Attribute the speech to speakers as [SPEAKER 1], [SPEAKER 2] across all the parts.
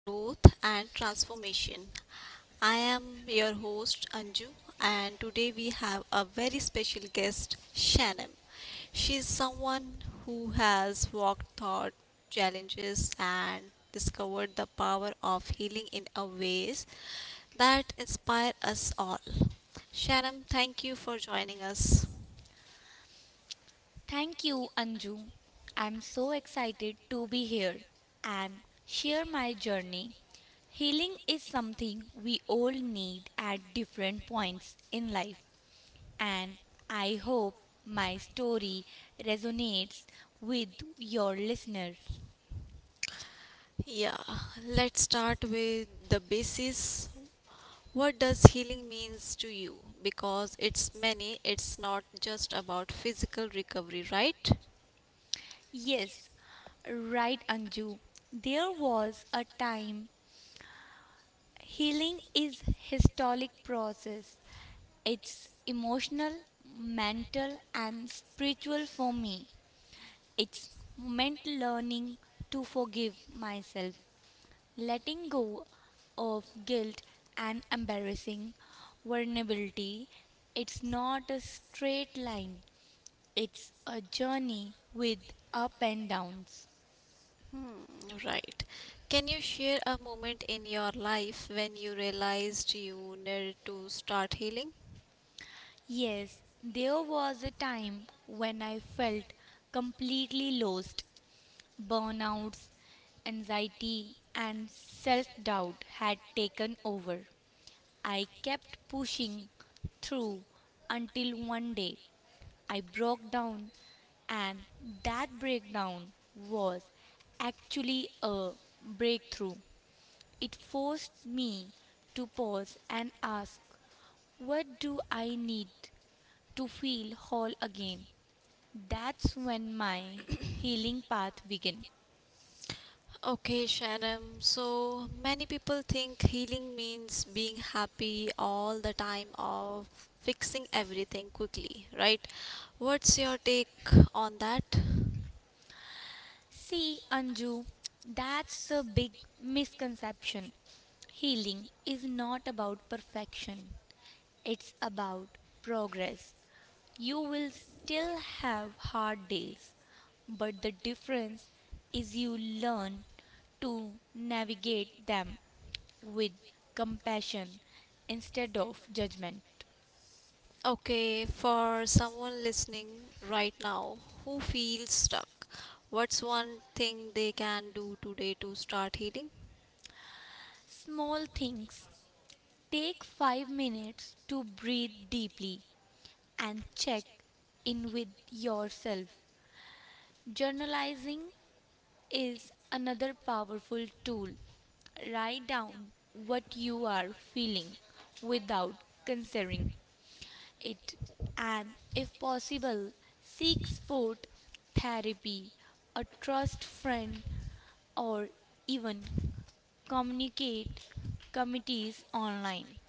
[SPEAKER 1] growth, and transformation. I am your host Anju, and today we have a very special guest, Shannon. She is someone who has walked through challenges and discovered the power of healing in a ways that inspire us all. Shannon, thank you for joining us.
[SPEAKER 2] Thank you, Anju. I'm so excited to be here and share my journey. Healing is something we all need at different points in life, and I hope my story resonates with your listeners.
[SPEAKER 1] Yeah, let's start with the basis. What does healing means to you? Because it's many, it's not just about physical recovery, right?
[SPEAKER 2] Yes, right, Anju. There was a time. Healing is historic process. It's emotional, mental, and spiritual for me. It's meant learning to forgive myself, letting go of guilt and embarrassing vulnerability. It's not a straight line, it's a journey with up and downs.
[SPEAKER 1] Hmm, right. Can you share a moment in your life when you realized you needed to start healing?
[SPEAKER 2] Yes, there was a time when I felt completely lost. Burnouts, anxiety, and self doubt had taken over. I kept pushing through until one day I broke down, and that breakdown was actually a breakthrough. It forced me to pause and ask, what do I need to feel whole again? That's when my healing path began.
[SPEAKER 1] Okay, Sharon. So many people think healing means being happy all the time or fixing everything quickly, right? What's your take on that?
[SPEAKER 2] See, Anju, that's a big misconception. Healing is not about perfection, it's about progress. You will still have hard days, but the difference is you learn to navigate them with compassion instead of judgment.
[SPEAKER 1] Okay, for someone listening right now who feels stuck, what's one thing they can do today to start healing?
[SPEAKER 2] Small things. Take 5 minutes to breathe deeply and check in with yourself. Journalizing is another powerful tool. Write down what you are feeling without considering it, and if possible, seek support, therapy, a trust friend, or even communicate committees online.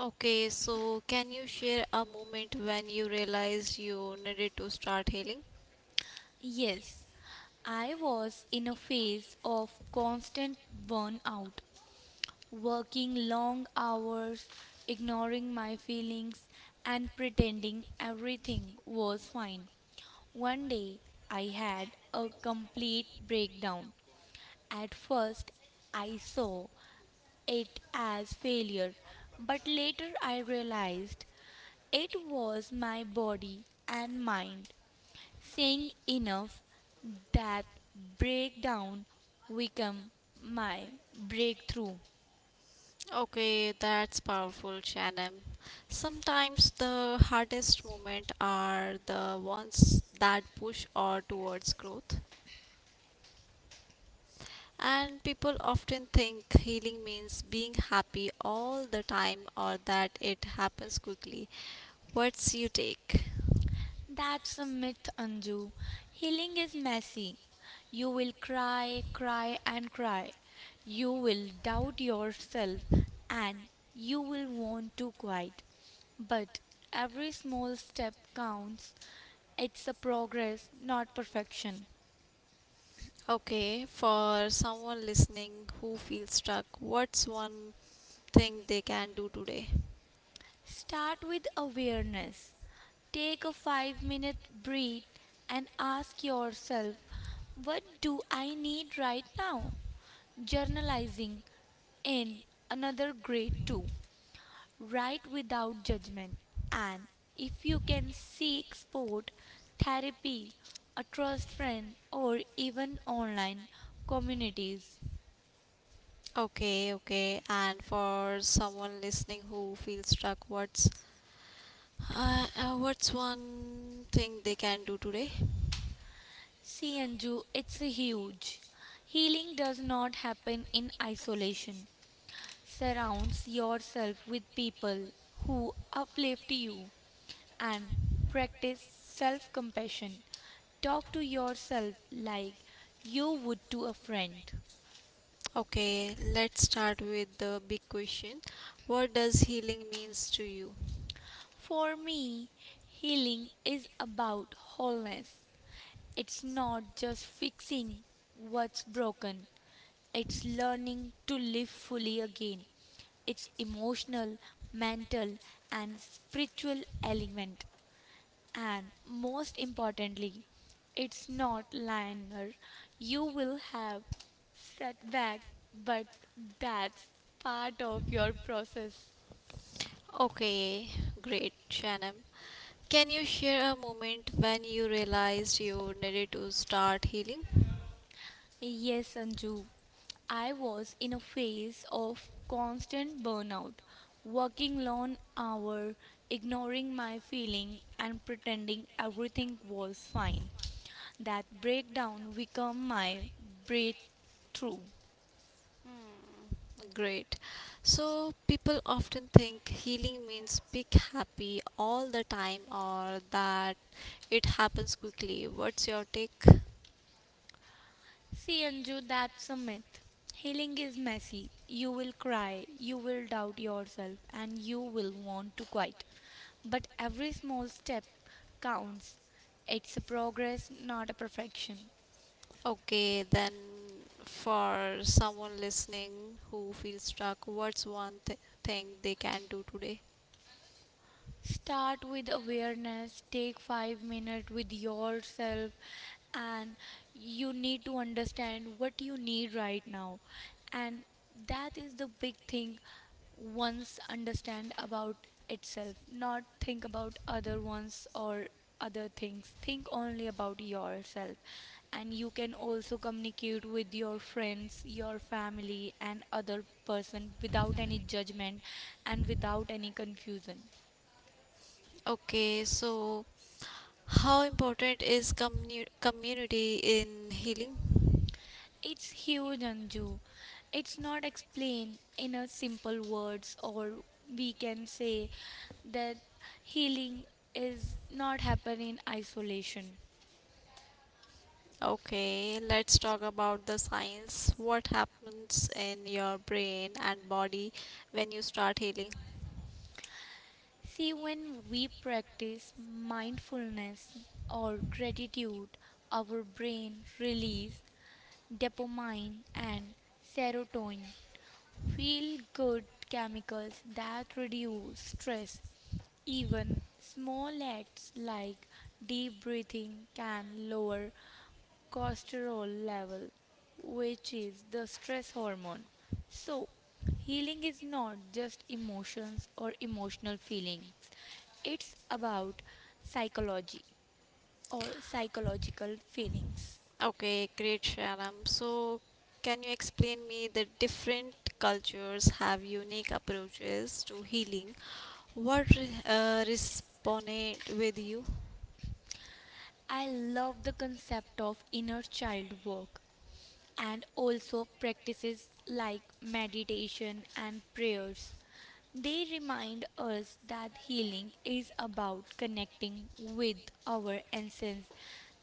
[SPEAKER 1] Okay, so can you share a moment when you realized you needed to start healing?
[SPEAKER 2] Yes, I was in a phase of constant burnout working long hours, ignoring my feelings, and pretending everything was fine. One day, I had a complete breakdown. At first, I saw it as failure, but later I realized it was my body and mind saying enough that breakdown became my breakthrough.
[SPEAKER 1] Okay, that's powerful, Shannon. Sometimes the hardest moments are the ones that push or towards growth. And people often think healing means being happy all the time or that it happens quickly. What's you take?
[SPEAKER 2] That's a myth, Anju. Healing is messy. You will cry, cry, and cry. You will doubt yourself and you will want to quit. But every small step counts. It's a progress, not perfection.
[SPEAKER 1] Okay, for someone listening who feels stuck, what's one thing they can do today?
[SPEAKER 2] Start with awareness. Take a 5-minute breath and ask yourself, what do I need right now? Journalizing in another grade too. Write without judgment. And if you can seek support, therapy, a trust friend, or even online communities.
[SPEAKER 1] Okay, okay. And for someone listening who feels stuck, what's one thing they can do today?
[SPEAKER 2] See, Anju, it's huge. Healing does not happen in isolation. Surrounds yourself with people who uplift you and practice self compassion. Talk to yourself like you would to a friend.
[SPEAKER 1] Okay, let's start with the big question. What does healing means to you?
[SPEAKER 2] For me, healing is about wholeness. It's not just fixing what's broken, it's learning to live fully again. It's emotional, mental, and spiritual element. And most importantly, it's not linear. You will have setback, but that's part of your process.
[SPEAKER 1] Okay, great, Shanam. Can you share a moment when you realized you needed to start healing?
[SPEAKER 2] Yes, Anju. I was in a phase of constant burnout, working long hours, ignoring my feeling and pretending everything was fine. That breakdown became my breakthrough.
[SPEAKER 1] Hmm, great. So, people often think healing means big happy all the time or that it happens quickly. What's your take?
[SPEAKER 2] See, Anju, that's a myth. Healing is messy. You will cry, you will doubt yourself, and you will want to quit. But every small step counts. It's a progress, not a perfection.
[SPEAKER 1] Okay, then for someone listening who feels stuck, what's one thing they can do today?
[SPEAKER 2] Start with awareness. Take 5 minutes with yourself and you need to understand what you need right now. And that is the big thing once understand about itself, not think about other ones or other things. Think only about yourself. And you can also communicate with your friends, your family and other person without any judgment and without any confusion.
[SPEAKER 1] Okay, so how important is community in healing?
[SPEAKER 2] It's huge, Anju. It's not explained in a simple words, or we can say that healing is not happen in isolation.
[SPEAKER 1] Okay, let's talk about the science. What happens in your brain and body when you start healing?
[SPEAKER 2] See, when we practice mindfulness or gratitude, our brain release dopamine and serotonin, feel good chemicals that reduce stress. Even small acts like deep breathing can lower cortisol level, which is the stress hormone. So, healing is not just emotions or emotional feelings. It's about psychology or psychological feelings.
[SPEAKER 1] Okay, great, Sharam. So, can you explain me the different cultures have unique approaches to healing? What resonate with you?
[SPEAKER 2] I love the concept of inner child work and also practices like meditation and prayers. They remind us that healing is about connecting with our essence,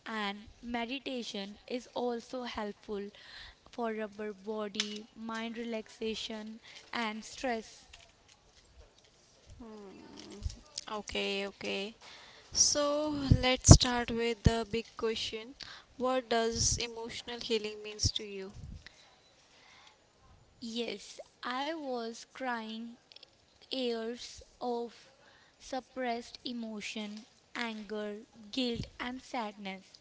[SPEAKER 2] and meditation is also helpful for our body, mind relaxation, and stress.
[SPEAKER 1] Hmm. Okay, okay. So, let's start with the big question. What does emotional healing means to you?
[SPEAKER 2] Yes, I was crying years of suppressed emotion, anger, guilt, and sadness.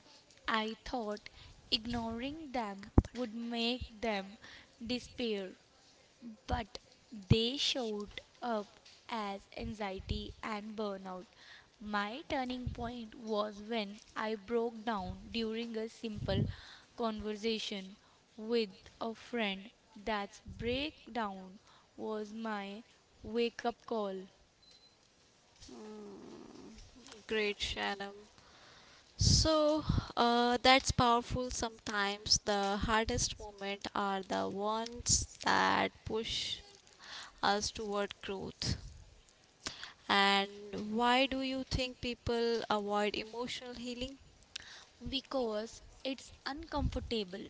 [SPEAKER 2] I thought ignoring them would make them disappear, but they showed up as anxiety and burnout. My turning point was when I broke down during a simple conversation with a friend. That breakdown was my wake up call
[SPEAKER 1] Hmm. Great, Sharam. So that's powerful. Sometimes the hardest moments are the ones that push us toward growth. And why do you think people avoid emotional healing?
[SPEAKER 2] because it's uncomfortable.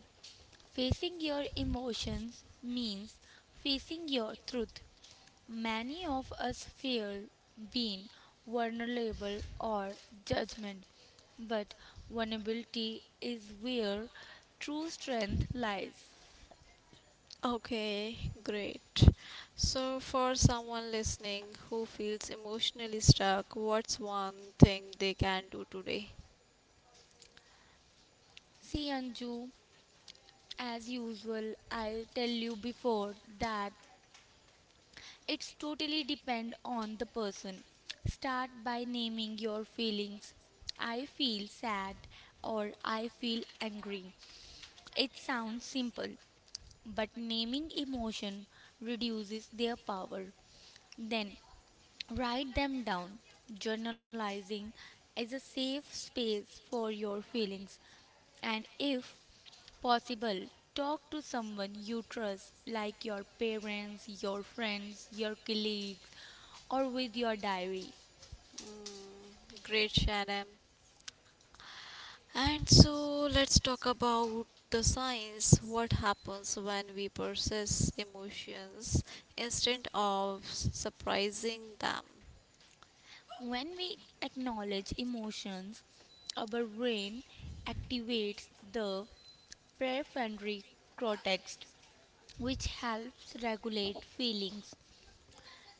[SPEAKER 2] Facing your emotions means facing your truth. Many of us fear being vulnerable or judgment, but vulnerability is where true strength lies.
[SPEAKER 1] Okay, great. So, for someone listening who feels emotionally stuck, what's one thing they can do today?
[SPEAKER 2] See, Anju, as usual, I'll tell you before that it's totally depend on the person. Start by naming your feelings. I feel sad or I feel angry. It sounds simple, but naming emotion reduces their power. Then write them down. Journalizing is a safe space for your feelings, and if possible, talk to someone you trust, like your parents, your friends, your colleagues, or with your diary.
[SPEAKER 1] Mm, great, Shannon. And so let's talk about the science. What happens when we process emotions instead of surprising them?
[SPEAKER 2] When we acknowledge emotions, our brain activates the prefrontal cortex, which helps regulate feelings,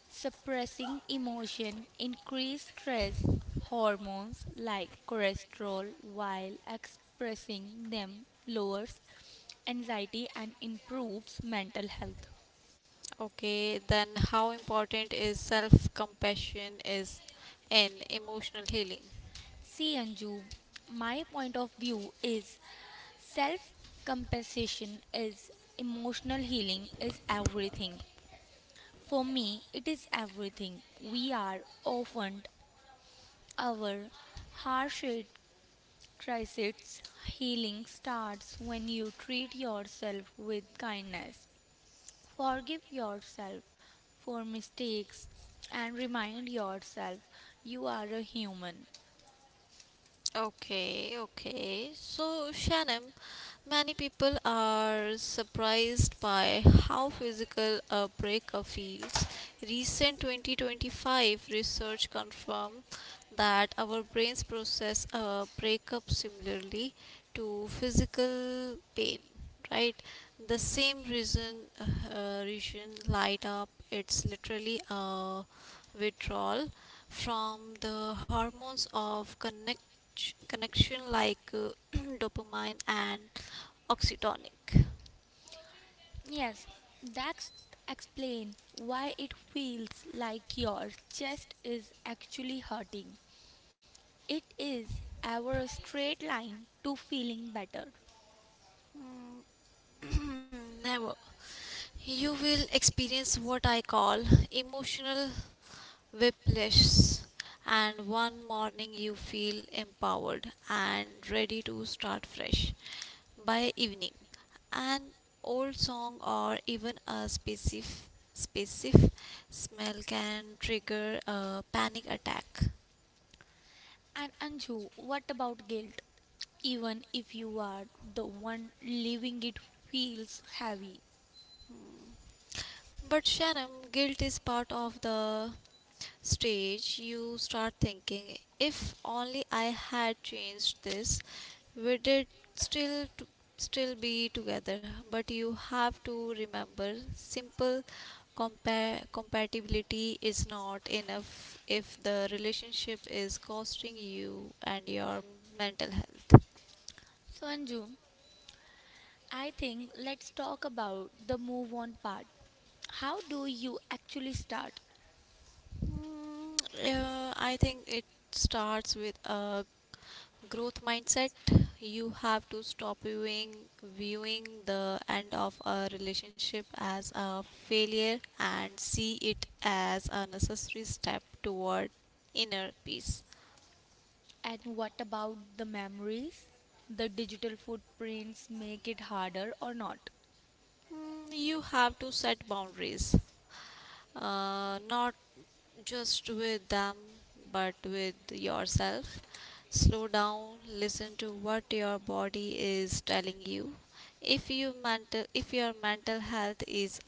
[SPEAKER 2] suppressing emotion, increase stress hormones like cholesterol while expressing them lowers anxiety and improves mental health.
[SPEAKER 1] Okay, then how important is self compassion is in emotional healing?
[SPEAKER 2] See Anju, my point of view is self compensation is emotional healing is everything. For me, it is everything. We are often our harshest crisis healing starts when you treat yourself with kindness. Forgive yourself for mistakes and remind yourself you are a human.
[SPEAKER 1] Okay, okay. So, Shannon, many people are surprised by how physical a breakup feels. Recent 2025 research confirmed that our brains process a breakup similarly to physical pain, right? The same reason, region light up. It's literally a withdrawal from the hormones of connection such connection like dopamine and oxytonic.
[SPEAKER 2] Yes, that's explain why it feels like your chest is actually hurting. It is ever a straight line to feeling better.
[SPEAKER 1] Mm, never. You will experience what I call emotional whiplash, and one morning you feel empowered and ready to start fresh. By evening, an old song or even a specific smell can trigger a panic attack.
[SPEAKER 2] And Anju, what about guilt? Even if you are the one living it feels heavy.
[SPEAKER 1] Hmm. But Shannon, guilt is part of the stage. You start thinking, if only I had changed this, we did still t- still be together. But you have to remember, simple compatibility is not enough if the relationship is costing you and your mental health.
[SPEAKER 2] So Anju, I think let's talk about the move on part. How do you actually start?
[SPEAKER 1] Mm, I think it starts with a growth mindset. You have to stop viewing the end of a relationship as a failure and see it as a necessary step toward inner peace.
[SPEAKER 2] And what about the memories? The digital footprints make it harder or not?
[SPEAKER 1] Mm, you have to set boundaries, not just with them, but with yourself. Slow down, listen to what your body is telling you. If your mental health is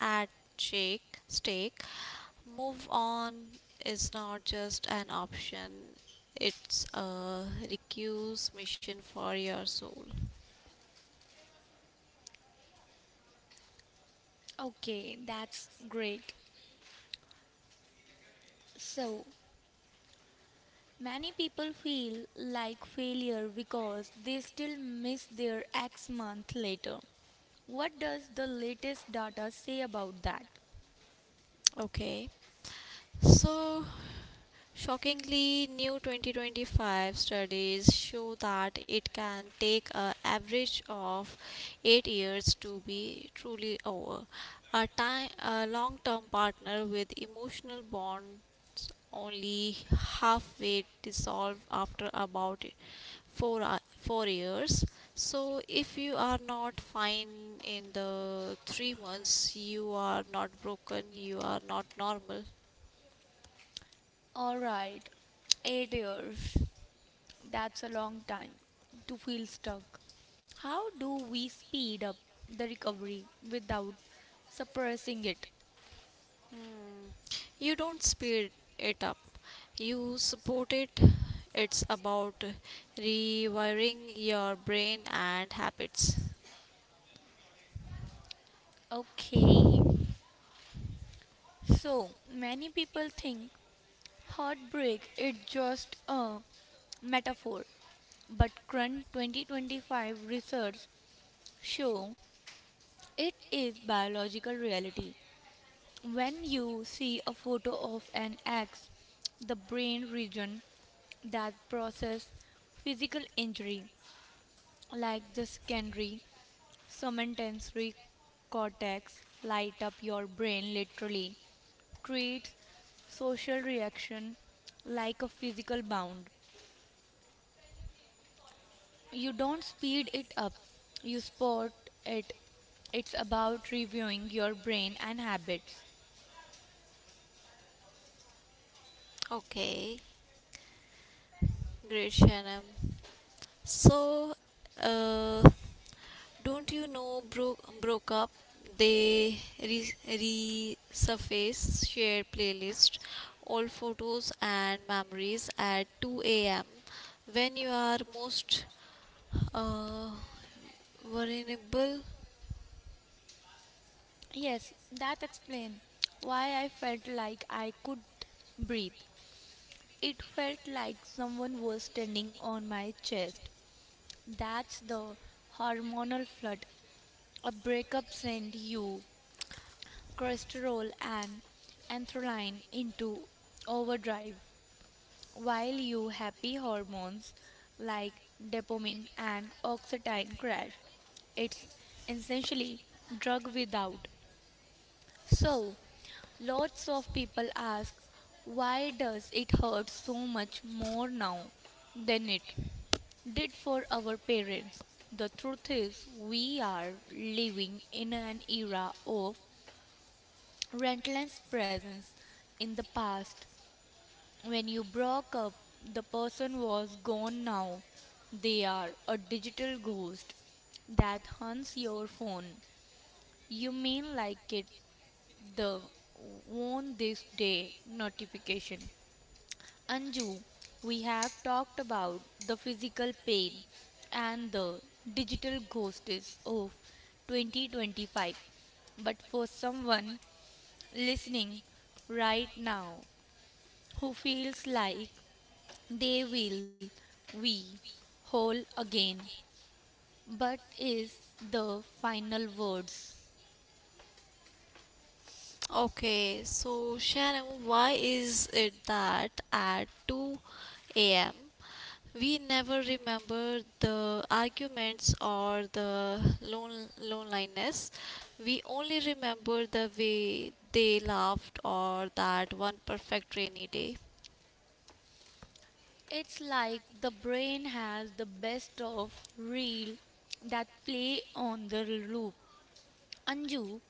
[SPEAKER 1] at stake, move on is not just an option. It's a recuse mission for your soul.
[SPEAKER 2] Okay, that's great. So, many people feel like failure because they still miss their ex month later. What does the latest data say about that?
[SPEAKER 1] Okay. So shockingly, new 2025 studies show that it can take an average of 8 years to be truly over. A, time, a long-term partner with emotional bonds only halfway dissolve after about 4 years. So if you are not fine in the 3 months, you are not broken, you are not normal.
[SPEAKER 2] All right, 8 years. That's a long time to feel stuck. How do we speed up the recovery without suppressing it?
[SPEAKER 1] You don't speed it up, you support it. It's about rewiring your brain and habits.
[SPEAKER 2] Okay. So, many people think heartbreak is just a metaphor, but current 2025 research show it is biological reality. When you see a photo of an axe, the brain region that process physical injury like the secondary somatosensory cortex light up your brain literally treats social reaction like a physical bound. You don't speed it up, you spot it. It's about reviewing your brain and habits.
[SPEAKER 1] Okay, great, Shanam. So, uh, don't you know broke up they resurface share playlist, all photos and memories at 2 a.m. when you are most uh, vulnerable.
[SPEAKER 2] Yes, that explains why I felt like I could breathe. It felt like someone was standing on my chest. That's the hormonal flood. A breakup sends you cholesterol and adrenaline into overdrive, while your happy hormones like dopamine and oxytocin crash. It's essentially drug without. So, lots of people ask why does it hurt so much more now than it did for our parents? The truth is, we are living in an era of relentless presence. In the past, when you broke up, the person was gone now. They are a digital ghost that hunts your phone. You mean like it the on this day notification. Anju, we have talked about the physical pain and the digital ghosts of 2025. But for someone listening right now who feels like they will we whole again but is the final words.
[SPEAKER 1] Okay, so Sharon, why is it that at 2 a.m. we never remember the arguments or the loneliness? We only remember the way they laughed or that one perfect rainy day.
[SPEAKER 2] It's like the brain has the best of reel that play on the loop. Anju,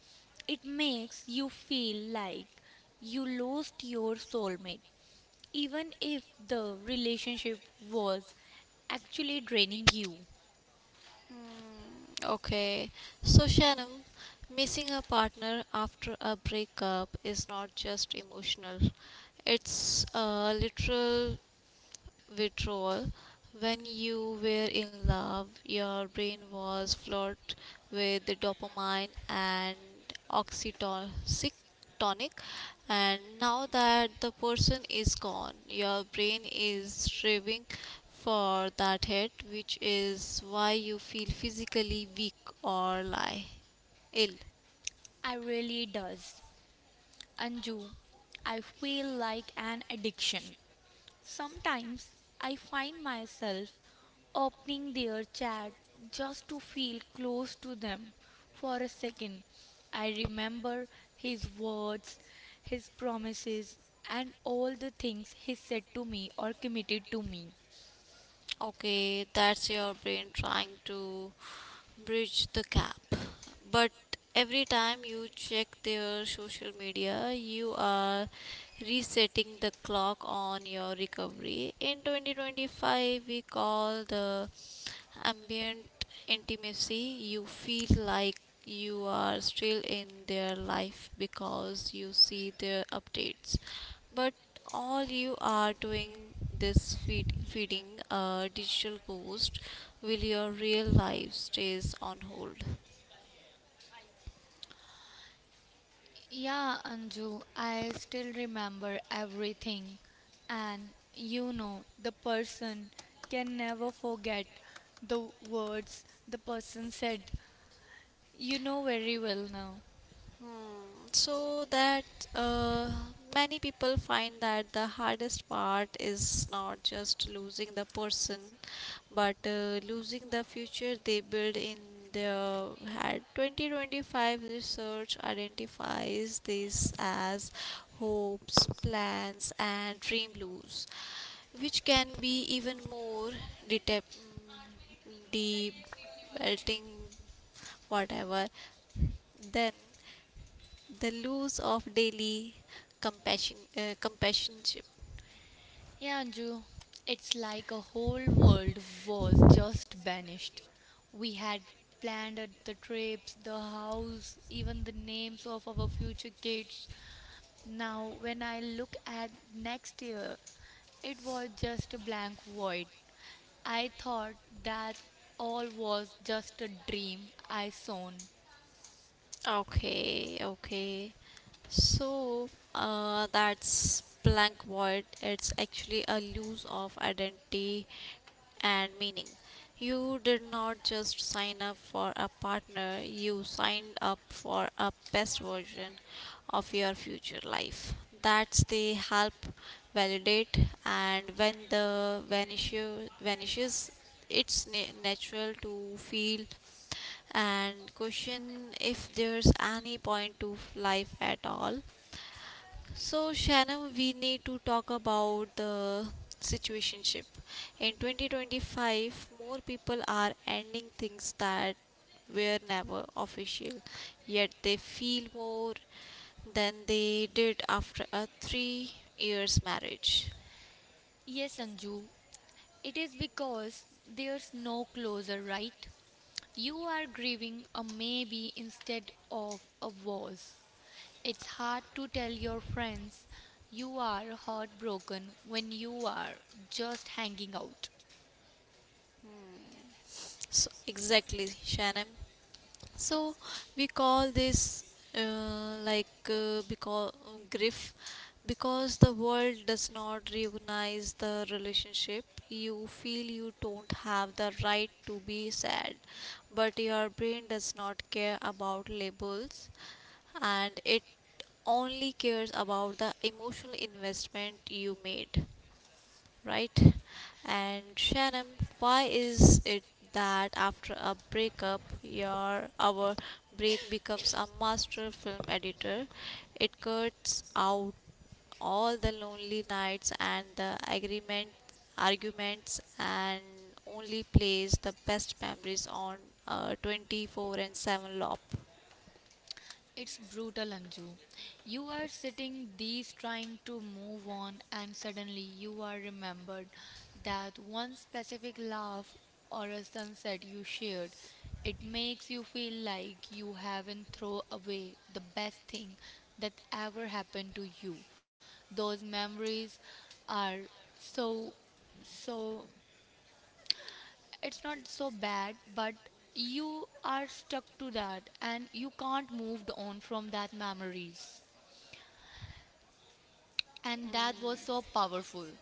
[SPEAKER 2] it makes you feel like you lost your soulmate, even if the relationship was actually draining you.
[SPEAKER 1] Mm, okay, so Shannon, missing a partner after a breakup is not just emotional, it's a literal withdrawal. When you were in love, your brain was flooded with the dopamine and oxytocin tonic, and now that the person is gone, your brain is striving for that hit, which is why you feel physically weak or lie ill.
[SPEAKER 2] I really does. Anju, I feel like an addiction. Sometimes I find myself opening their chat just to feel close to them for a second. I remember his words, his promises, and all the things he said to me or committed to me.
[SPEAKER 1] Okay, that's your brain trying to bridge the gap. But every time you check their social media, you are resetting the clock on your recovery. In 2025, we call the ambient intimacy. You feel like you are still in their life because you see their updates, but all you are doing feeding a digital ghost will your real life stays on hold.
[SPEAKER 2] Yeah, Anju, I still remember everything. And you know, the person can never forget the words the person said. You know very well now.
[SPEAKER 1] Hmm, so that uh, many people find that the hardest part is not just losing the person but losing the future they build in their head. 2025 research identifies this as hopes, plans and dream lose, which can be even more deep belting, whatever, then the loss of daily companionship.
[SPEAKER 2] Hey Anju, it's like a whole world was just vanished. We had planned the trips, the house, even the names of our future kids. Now, when I look at next year, it was just a blank void. I thought that all was just a dream I sown.
[SPEAKER 1] Okay, okay. So, that's blank void. It's actually a loss of identity and meaning. You did not just sign up for a partner, you signed up for a best version of your future life. That's the help validate, and when the vanishes it's natural to feel and question if there's any point to life at all. So, Shannon, we need to talk about the situationship. In 2025, more people are ending things that were never official, yet they feel more than they did after a 3 years marriage.
[SPEAKER 2] Yes, Anju, it is because there's no closure, right? You are grieving a maybe instead of a was. It's hard to tell your friends you are heartbroken when you are just hanging out.
[SPEAKER 1] Hmm. So, exactly, Shannon. So we call this because grief, because the world does not recognize the relationship. You feel you don't have the right to be sad, but your brain does not care about labels, and it only cares about the emotional investment you made, right? And Shannon, why is it that after a breakup, your our brain becomes a master film editor? It cuts out all the lonely nights and the agreement arguments, and only plays the best memories on a 24/7 loop.
[SPEAKER 2] It's brutal, Anju. You are sitting these trying to move on, and suddenly you are remembered that one specific laugh or a sunset you shared. It makes you feel like you haven't thrown away the best thing that ever happened to you. Those memories are so, so it's not so bad, but you are stuck to that and you can't move on from that memories. And that was so powerful.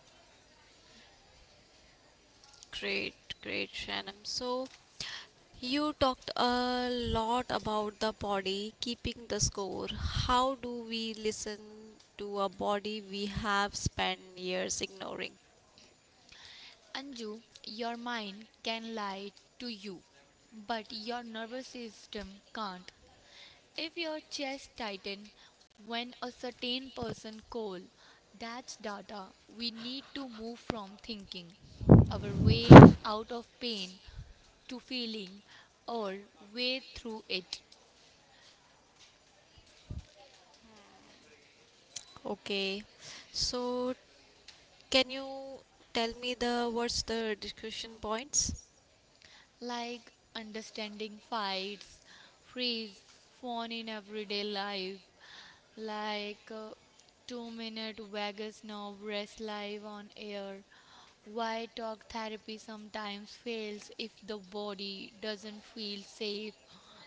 [SPEAKER 1] Great, great, Shannon. So, you talked a lot about the body keeping the score. How do we listen to a body we have spent years ignoring?
[SPEAKER 2] Anju, your mind can lie to you, but your nervous system can't. If your chest tightens when a certain person call, that's data. We need to move from thinking our way out of pain to feeling our way through it.
[SPEAKER 1] Okay, so can you tell me the what's the discussion points?
[SPEAKER 2] Like understanding fights, freeze, phone in everyday life, like 2-minute Vegas knob rest live on air. Why talk therapy sometimes fails if the body doesn't feel safe,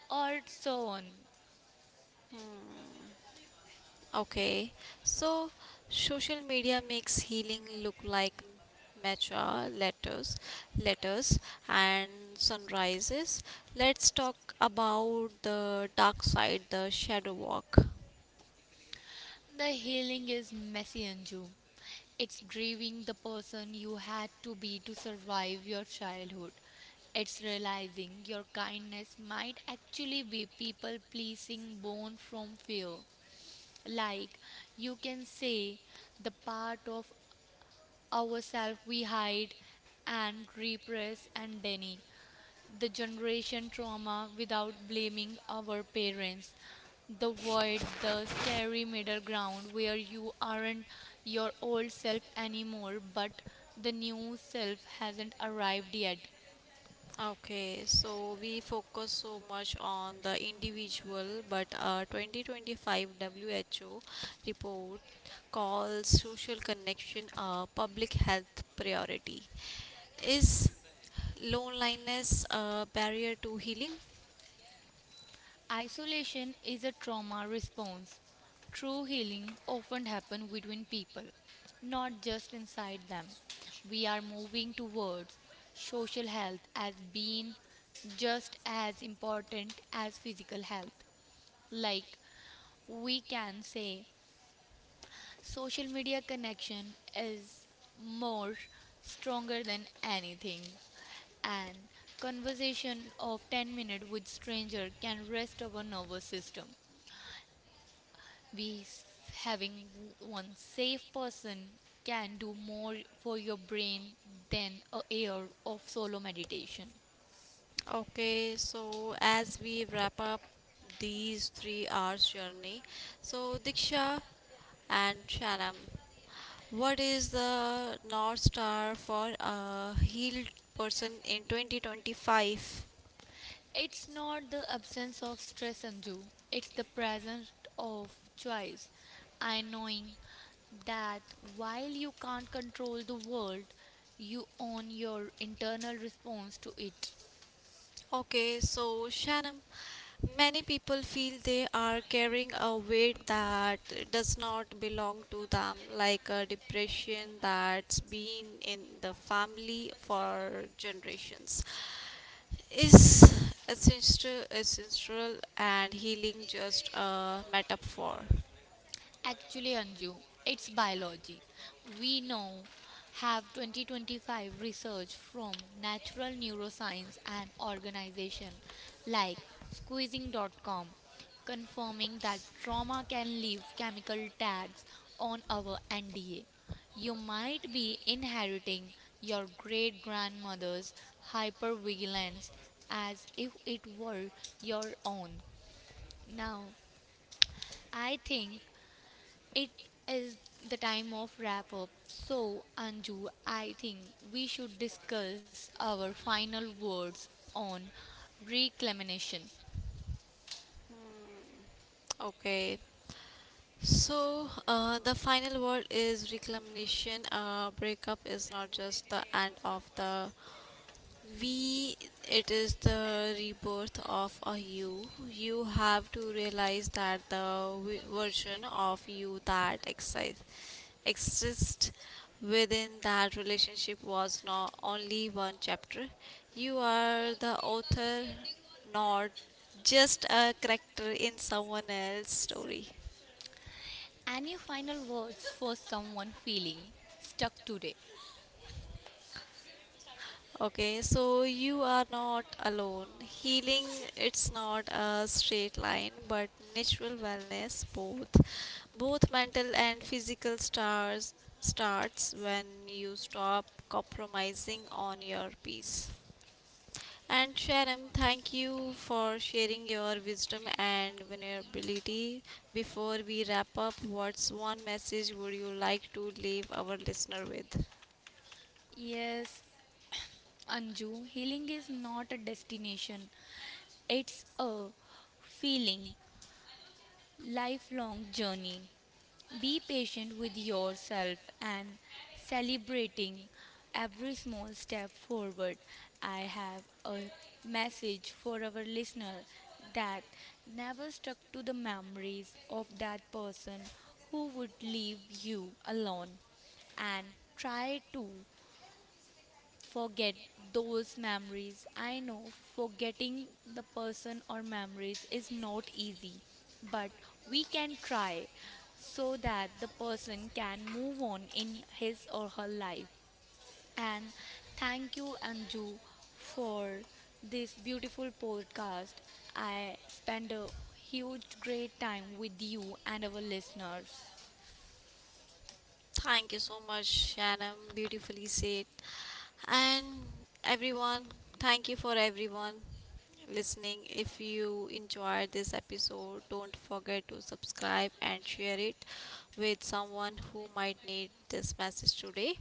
[SPEAKER 2] or so on.
[SPEAKER 1] Hmm. Okay, so social media makes healing look like matcha letters and sunrises. Let's talk about the dark side, the shadow walk.
[SPEAKER 2] The healing is messy, Anju. It's grieving the person you had to be to survive your childhood. It's realizing your kindness might actually be people pleasing born from fear. Like, you can say the part of ourself we hide and repress and deny the generation trauma without blaming our parents. The void, the scary middle ground where you aren't your old self anymore, but the new self hasn't arrived yet.
[SPEAKER 1] Okay, so we focus so much on the individual, but a 2025 WHO report calls social connection a public health priority. Is loneliness a barrier to healing?
[SPEAKER 2] Isolation is a trauma response. True healing often happens between people, not just inside them. We are moving towards social health as being just as important as physical health. Like we can say social media connection is more stronger than anything and conversation of 10-minute with stranger can rest our nervous system we s- having one safe person can do more for your brain than a year of solo meditation.
[SPEAKER 1] Okay, so as we wrap up these 3 hours journey, so Diksha and Shanam, what is the North Star for a healed person in 2025?
[SPEAKER 2] It's not the absence of stress undue, it's the presence of choice I knowing that while you can't control the world, you own your internal response to it.
[SPEAKER 1] Okay, so Shannon, many people feel they are carrying a weight that does not belong to them, like a depression that's been in the family for generations. Is ancestral and healing just a metaphor?
[SPEAKER 2] Actually, Anju, it's biology. We now have 2025 research from natural neuroscience and organization like squeezing.com confirming that trauma can leave chemical tags on our NDA. You might be inheriting your great grandmother's hypervigilance as if it were your own. Now, I think it is the time of wrap up. So, Anju, I think we should discuss our final words on reclamation.
[SPEAKER 1] Hmm. Okay. So, the final word is reclamation. Breakup is not just the end of the we, it is the rebirth of a you. You have to realize that the version of you that exists within that relationship was not only one chapter. You are the author, not just a character in someone else's story.
[SPEAKER 2] Any final words for someone feeling stuck today?
[SPEAKER 1] Okay, so you are not alone. Healing, it's not a straight line, but natural wellness, both, both mental and physical stars starts when you stop compromising on your peace. And Sharam, thank you for sharing your wisdom and vulnerability. Before we wrap up, what's one message would you like to leave our listener with?
[SPEAKER 2] Yes, Anju, healing is not a destination, it's a feeling, lifelong journey. Be patient with yourself and celebrating every small step forward. I have a message for our listener that never stuck to the memories of that person who would leave you alone and try to forget those memories. I know forgetting the person or memories is not easy, but we can try so that the person can move on in his or her life. And thank you, Anju, for this beautiful podcast. I spend a huge, great time with you and our listeners.
[SPEAKER 1] Thank you so much, Shanam. Beautifully said. And everyone, thank you for everyone listening. If you enjoyed this episode, don't forget to subscribe and share it with someone who might need this message today.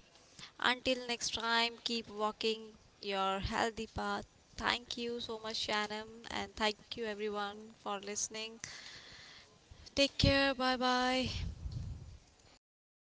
[SPEAKER 1] Until next time, keep walking your healthy path. Thank you so much, Shanam, and thank you everyone for listening. Take care. Bye bye.